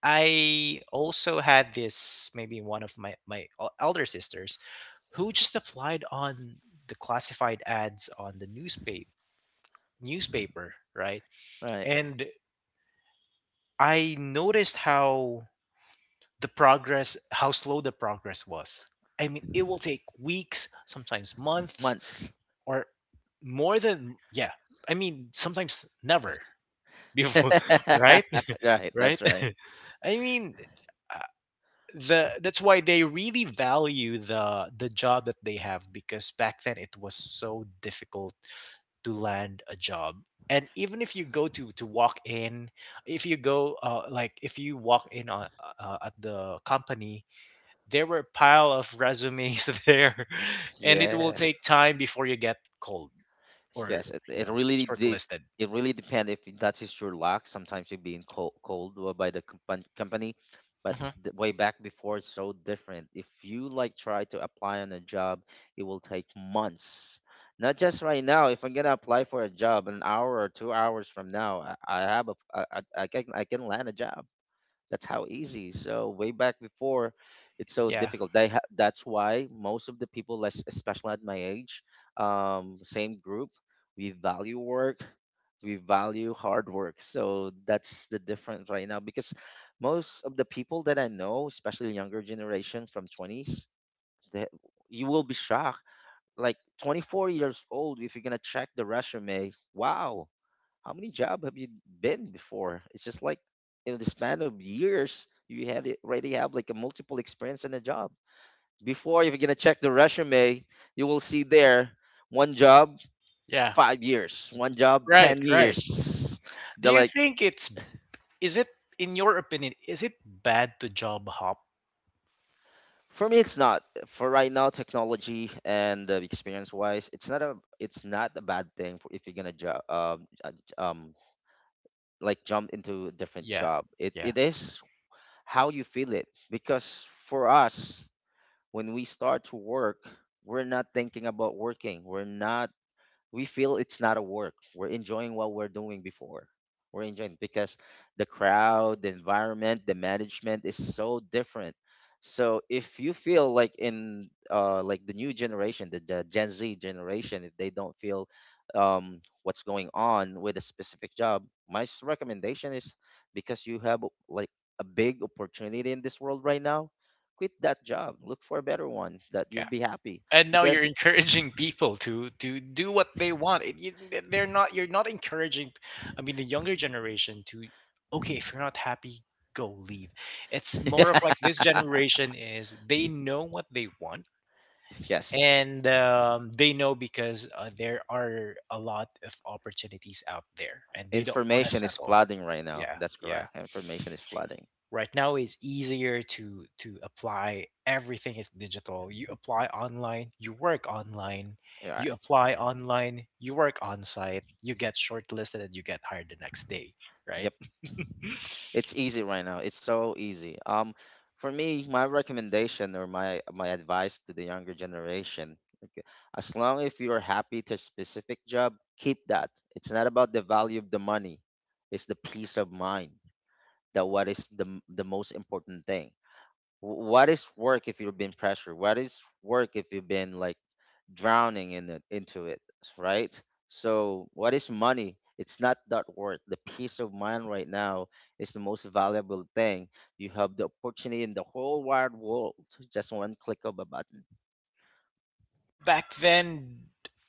I also had this, maybe one of my elder sisters who just applied on the classified ads on the newspaper, right?
Right.
And I noticed how the progress how slow the progress was. I mean, it will take weeks, sometimes months
Months.
or more than yeah. I mean, sometimes never before, *laughs* right? *laughs*
*laughs* Right,
Right?
that's right.
*laughs* I mean, the that's why they really value the job that they have, because back then it was so difficult to land a job. And even if you go to walk in, if you go if you walk in on, at the company, there were pile of resumes *laughs* there, and it will
Yeah.
take time before you get called or you
It
know
really de
shortlisted.
it really depends if that is your luck. Sometimes you're being cold by the company, but
Mhm.
the way back before it's so different. If you like try to apply on a job, it will take months. Not just right now. If I'm gonna apply for a job an hour or 2 hours from now, I have a, I can land a job. That's how easy. So way back before, it's so
Yeah,
difficult. That's why most of the people, less especially at my age, same group, we value work, we value hard work. So that's the difference right now, because most of the people that I know, especially younger generation from twenties, that you will be shocked. Like 24 years old, if you're gonna check the resume, wow. How many job have you been before? It's just like in the span of years, you already have like a multiple experience in a job. Before, if you're gonna check the resume, you will see there one job,
yeah,
5 years, one job,
right,
ten
right.
years.
Do
They're
you
like
think it's, is it, in your opinion, is it bad to job hop?
for me, it's not for right now. Technology and experience wise, it's not a bad thing for if you're gonna job um like jump into a different
Yeah,
job. It
yeah,
it is how you feel it, because for us when we start to work, we're not thinking about working. We feel it's not a work. We're enjoying what we're doing before. We're enjoying because the crowd, the environment, the management is so different. So if you feel like in like the new generation, the Gen Z generation, if they don't feel what's going on with a specific job, recommendation is, because you have like a big opportunity in this world right now, quit that job. Look for a better one that you'll
yeah.
be happy
And now you're *laughs*
because
encouraging people to do what they want. They're not. You're not encouraging. I mean, the younger generation to, okay, if you're not happy, go leave. It's more of like this
*laughs*
generation is they know what they want.
yes.
And they know because there are a lot of opportunities out there, and they don't want to
Information is
settle.
flooding right now.
Yeah,
That's
yeah.
correct. Information is flooding.
Right now it's easier to apply, everything is digital. You apply online, you work online, you
Right.
apply online, you work on site, you get shortlisted and you get hired the next day, right?
Yep.
*laughs*
It's easy right now. It's so easy. For me, my recommendation or my advice to the younger generation, okay, as long if you are happy to a specific job, keep that. It's not about the value of the money. It's the peace of mind that, what is the most important thing. What is work if you've been pressured? What is work if you've been like drowning in it, into it, right? So what is money? It's not that worth. The peace of mind right now is the most valuable thing. You have the opportunity in the whole wide world, just one click of a button.
Yeah, back then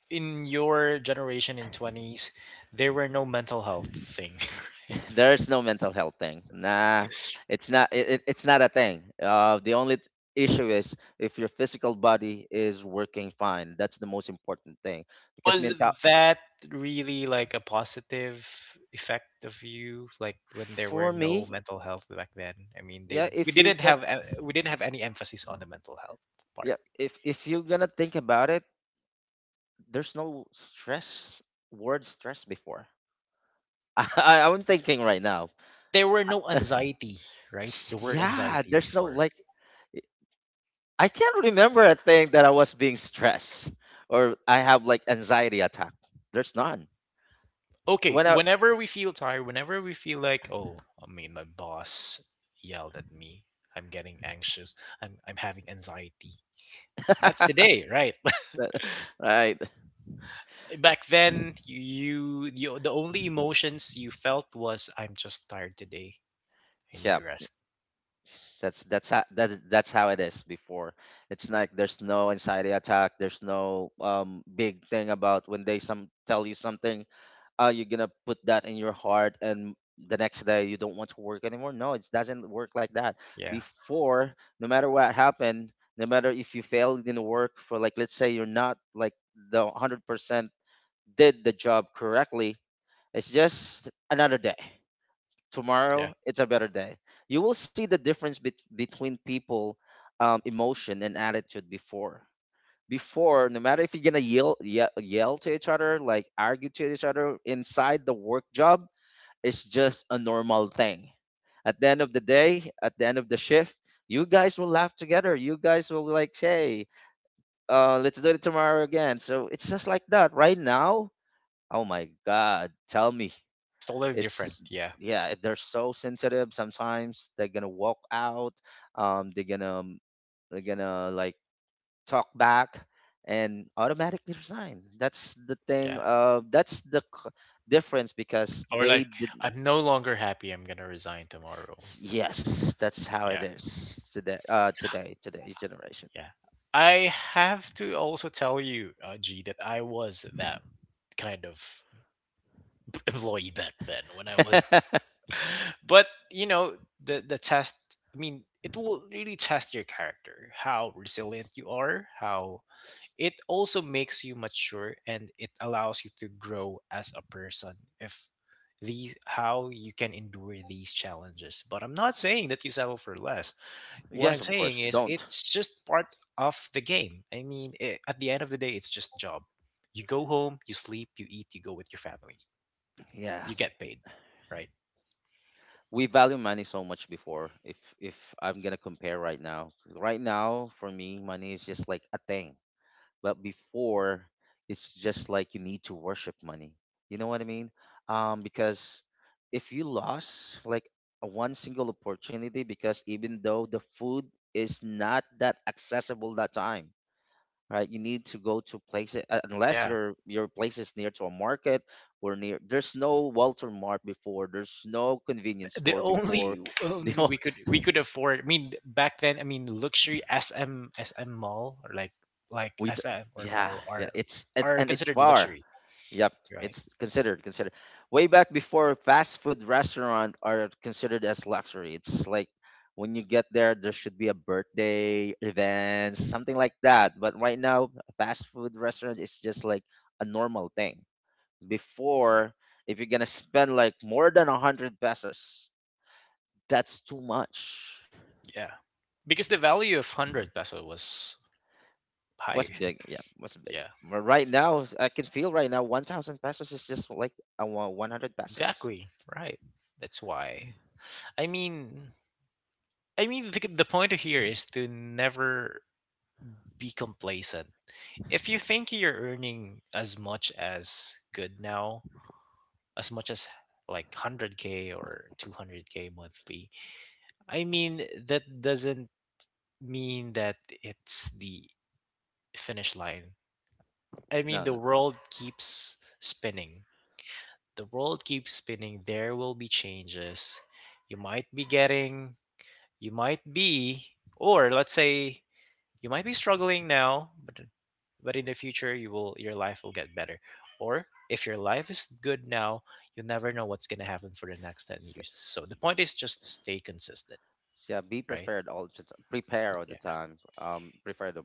in your generation in 20s there were no mental health thing, *laughs* right?
*laughs* There is no mental health thing. Nah, it's not. It's not a thing. The only issue is if your physical body is working fine. That's the most important thing. Because
Was
mental,
that really like a positive effect of you, like when there were
for
no
me,
mental health back then? I mean, they
yeah. If you get,
we didn't have any emphasis on the mental health part,
yeah, if you're gonna think about it, there's no stress, word stress before. *laughs* I'm thinking right now.
and there were no
*laughs*
anxiety, right? The word
Yeah,
anxiety
there's no
before.
like, I can't remember a thing that I was being stressed or I have like anxiety attack. There's none.
Okay,
When I
whenever we feel tired, whenever we feel like, oh, I mean, my boss yelled at me, I'm getting anxious, I'm having anxiety.
*laughs*
That's today, right?
that- right.
Back then you the only emotions you felt was I'm just tired today, I need
Yeah.
to rest.
That's how that's how it is before. It's like there's no anxiety attack, there's no big thing about when they some tell you something, you're gonna put that in your heart and the next day you don't want to work anymore. No, it doesn't work like that
Yeah,
before. No matter what happened, no matter if you failed in work, for like let's say you're not like the 100% did the job correctly, it's just another day.
yeah,
Tomorrow it's a better day. You will see the difference between people, emotion and attitude before. Before, no matter if you're gonna yell, yell to each other, like argue to each other inside the work, job is just a normal thing. At the end of the day, at the end of the shift, you guys will laugh together. You guys will like, hey, let's do it tomorrow again. So it's just like that. Right now, oh my God, tell me.
it's totally different.
It's,
Yeah,
yeah, they're so sensitive. Sometimes they're gonna walk out. Um, they're gonna um, they're gonna like talk back and automatically resign. That's the thing.
yeah.
Difference because
Or like,
they did.
I'm no longer happy, I'm gonna resign tomorrow.
Yes, that's how it
Yeah,
is today. Today's generation.
yeah. I have to also tell you G, that I was that kind of *laughs* employee back then when I was
*laughs*
*laughs* but you know, the test, I mean it will really test your character, how resilient you are, how it also makes you mature and it allows you to grow as a person if these how you can endure these challenges. But I'm not saying that you settle for less. What
Yes,
I'm
of course.
saying is
Don't.
it's just part of the game. I mean, I at the end of the day, it's just a job. You go home, you sleep, you eat, you go with your family.
Yeah,
You get paid, right?
we value money so much before. If I'm gonna compare right now, right now for me, money is just like a thing. But before, it's just like you need to worship money, you know what I mean? Because if you lost like a one single opportunity, because even though the food is not that accessible that time, right, you need to go to places, unless
Yeah.
your place is near to a market or near, there's no Walter Mart before, there's no
And
convenience
the
store before.
only
*laughs* They
only we could afford. I mean, back then, I mean, luxury SM mall or like
we d-
SM or
yeah,
mall
it's it,
are
and it's
considered
far.
luxury,
Yep.
right?
It's considered way back before. Fast food restaurant are considered as luxury. It's like when you get there there should be a birthday event, something like that, but right now fast food restaurant is just like a normal thing. Before, if you're gonna spend like more than 100 pesos, that's too much.
Yeah, because the value of hundred peso was
What's
high.
big? Yeah,
*laughs*
what's big?
Yeah,
But right now, I can feel right now, 1,000 pesos is just like a 100 pesos.
exactly. Right. That's why. I mean, I mean, the point here is to never be complacent. If you think you're earning as much as good now, as much as like 100k or 200k monthly, i mean that doesn't mean that it's the finish line.
No,
The
no.
world keeps spinning. The world keeps spinning. There will be changes. You might be getting you might be or let's say You might be struggling now, but in the future you will your life will get better. Or if your life is good now, you'll never know what's going to happen for the next 10 years.
Yes.
So the point is just stay consistent,
Yeah, be
right?
prepared all the time. Prepare all the
Yeah.
time. Prepare the,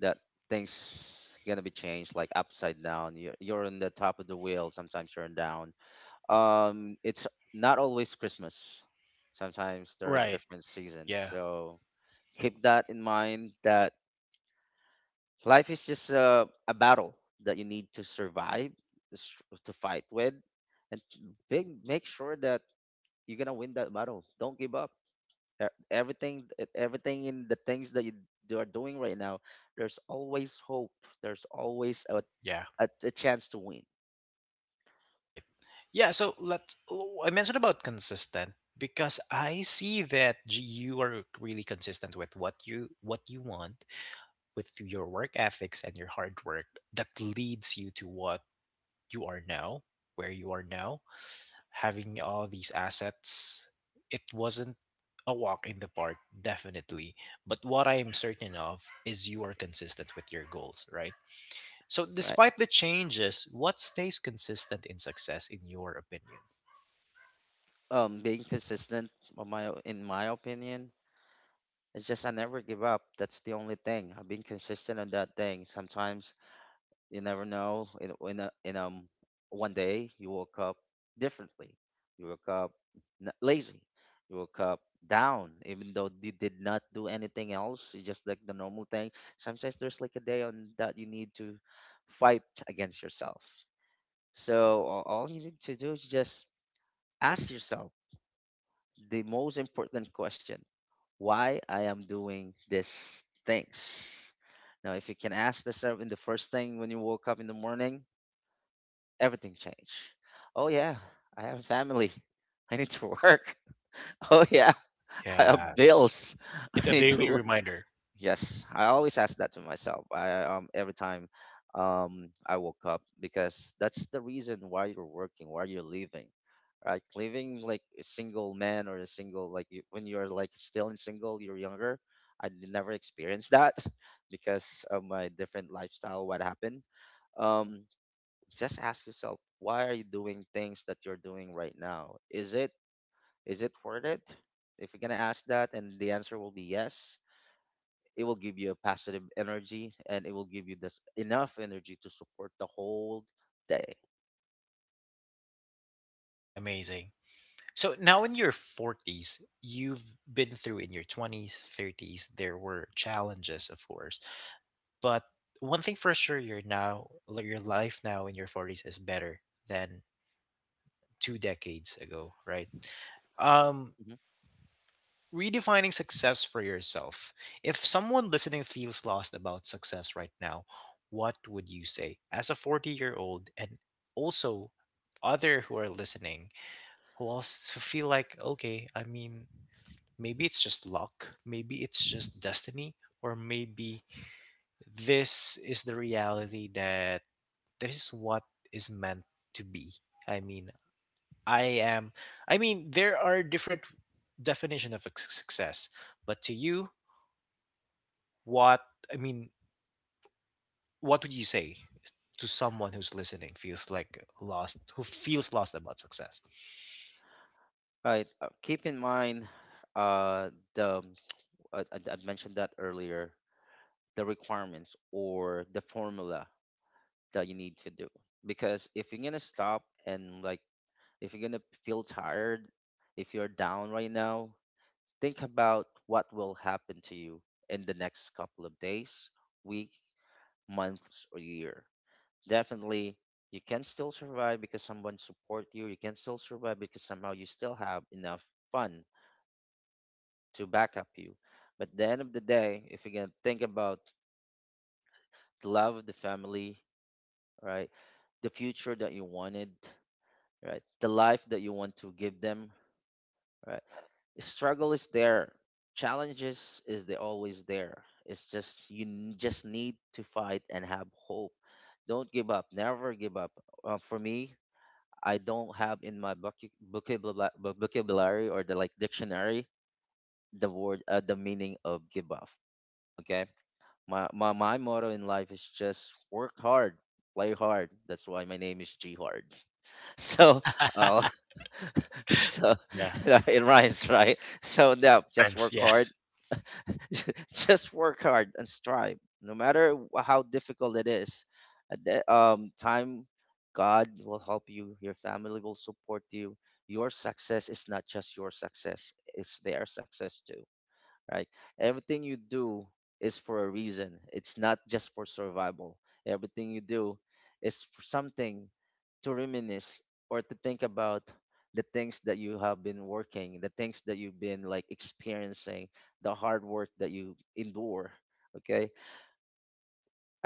that things gonna be changed like upside down. You're on the top of the wheel. Sometimes you're down. It's not always Christmas. Sometimes there are
Right.
different seasons.
Yeah.
So keep that in mind. That, life is just a battle that you need to survive, s- to fight with, and to make sure that you're gonna win that battle. Don't give up. Everything, everything in the things that you are doing right now, there's always hope. There's always
Yeah.
a chance to win,
Right. Yeah, I mentioned about consistent because I see that you are really consistent with what you want, with your work ethics and your hard work that leads you to what you are now, where you are now, having all these assets. It wasn't a walk in the park, definitely. But what I am certain of is you are consistent with your goals, right? So,
right?
despite the changes, what stays consistent in success, in your opinion?
Being consistent, on my in my opinion, it's just I never give up. That's the only thing. I've been consistent on that thing. Sometimes you never know. In one day you woke up differently. You woke up lazy. You woke up down, even though you did not do anything else. It's just like the normal thing. Sometimes there's like a day on that you need to fight against yourself. So all you need to do is just ask yourself the most important question: why I am doing these things? Now, if you can ask yourself in the first thing when you woke up in the morning, everything changed. Oh yeah, I have a family. I need to work. *laughs* Oh yeah, I have
Yes.
bills. *laughs* I
It's a
need to
daily
work.
reminder.
Yes, I always ask that to myself. I, every time I woke up, because that's the reason why you're working, why you're living. Right? Living like a single man or a single, like you- when you're like still in single, you're younger. I never experienced that *laughs* because of my different lifestyle, what happened. Um just ask yourself, why are you doing things that you're doing right now? Is it worth it? If you're going to ask that and the answer will be yes, it will give you a positive energy and it will give you this enough energy to support the whole day.
Amazing. So now in your 40s, you've been through in your 20s, 30s, there were challenges, of course. But one thing for sure, your now like your life now in your 40s is better than two decades ago, right? um
Mhm.
redefining success for yourself, if someone listening feels lost about success right now, what would you say as a 40-year-old and also other who are listening who also feel like okay, maybe it's just luck, maybe it's just destiny, or maybe this is the reality that this is what is meant to be. I mean I am I mean There are different definition of success, but to you, what I mean what would you say to someone who's listening feels like lost, who feels lost about success?
Right, keep in mind, the, I mentioned that earlier, the requirements or the formula that you need to do, because if you're going to stop and like, if you're going to feel tired, if you're down right now, think about what will happen to you in the next couple of days, week, months, or year. Definitely, you can still survive because someone support you. You can still survive because somehow you still have enough fun to back up you. But at the end of the day, if you can think about the love of the family, right, the future that you wanted, right, the life that you want to give them, right? Struggle is there, challenges is they always there, it's just you just need to fight and have hope. Don't give up, never give up. For me, I don't have in my vocabulary or the like dictionary the word, the meaning of give up. Okay, my motto in life is just work hard, play hard. That's why my name is G Hard. *laughs* So,
*laughs*
uh, *laughs* so
Yeah.
*laughs* it rhymes, right? So no,
It
just
rhymes.
work
Yeah.
hard. *laughs* Just work hard and strive no matter how difficult it is. At the time, God will help you, your family will support you. Your success is not just your success, it's their success too, right? Everything you do is for a reason. It's not just for survival. Everything you do is for something to reminisce or to think about, the things that you have been working, the things that you've been like experiencing, the hard work that you endure. Okay,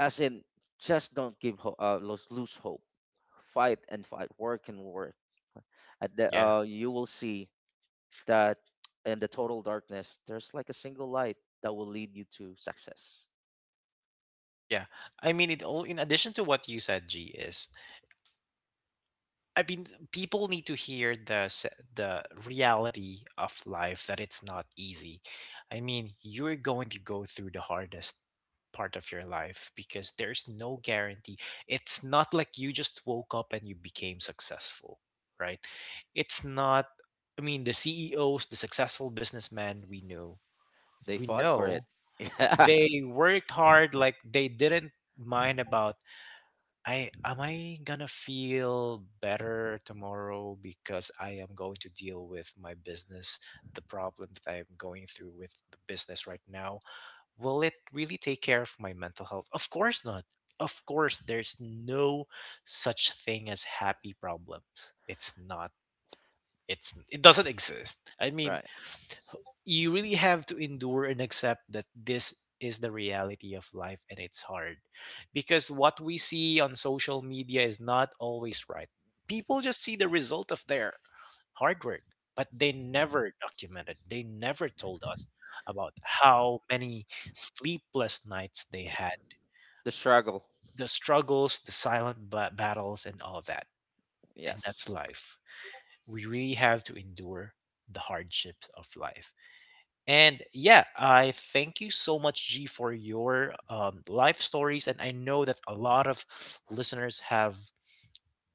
as in, just don't lose, hope. Fight and fight, work and work. At the
Yeah.
you will see that in the total darkness, there's like a single light that will lead you to success.
Yeah, it all, in addition to what you said, G, is, I mean, people need to hear the reality of life, that it's not easy. I mean, you're going to go through the hardest part of your life because there's no guarantee. It's not like you just woke up and you became successful, right? It's not, I mean, the CEOs, the successful businessmen
They
we
fought for it.
know
*laughs* Yeah,
they worked hard, like they didn't mind about I gonna feel better tomorrow because I am going to deal with my business, the problem that I am going through with the business right now. Will it really take care of my mental health? Of course not. Of course, there's no such thing as happy problems. It's not. It doesn't exist. I mean,
right.
you really have to endure and accept that this is the reality of life and it's hard because what we see on social media is not always right. People just see the result of their hard work, but they never documented, they never told us about how many sleepless nights they had,
The struggle.
the struggles, the silent battles, and all of that. And that's
Yes.
life. We really have to endure the hardships of life. And yeah, I thank you so much, G, for your life stories. And I know that a lot of listeners have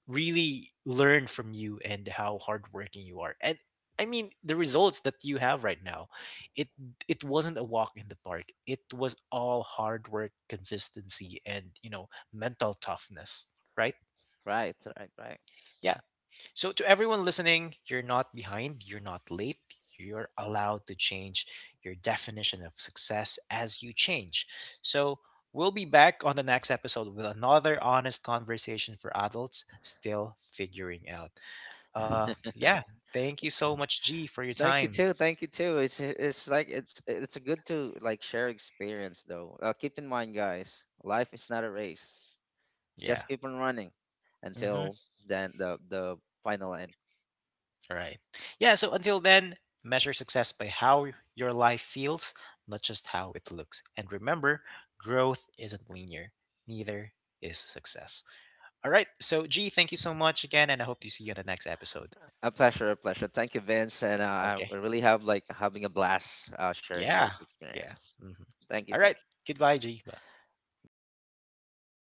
really learned from you and how hardworking you are. And I mean, the results that you have right now, it it wasn't a walk in the park. It was all hard work, consistency, and, you know, mental toughness. Right?
Right,
Yeah. So, to everyone listening, you're not behind, you're not late, you're allowed to change your definition of success as you change. So, we'll be back on the next episode with another honest conversation for adults still figuring out.
right.
Yeah, thank you so much, G, for your
*laughs* Thank you
time.
too. Thank you too. It's like it's good to like share experience though. Keep in mind, guys, life is not a race.
Yeah.
Just keep on running
Hmm.
until then, the final end.
All right. Yeah. So until then, measure success by how your life feels, not just how it looks. And remember, growth isn't linear, neither is success. All right. So, G, thank you so much again. And I hope to see you on the next episode.
A pleasure, a pleasure. Thank you, Vince, and
Okay.
I really have like having a blast sharing
Yeah.
those
Yeah.
experience.
Mhm.
Thank you.
All right.
Thank
Goodbye, G. Bye.
you. Bye bye.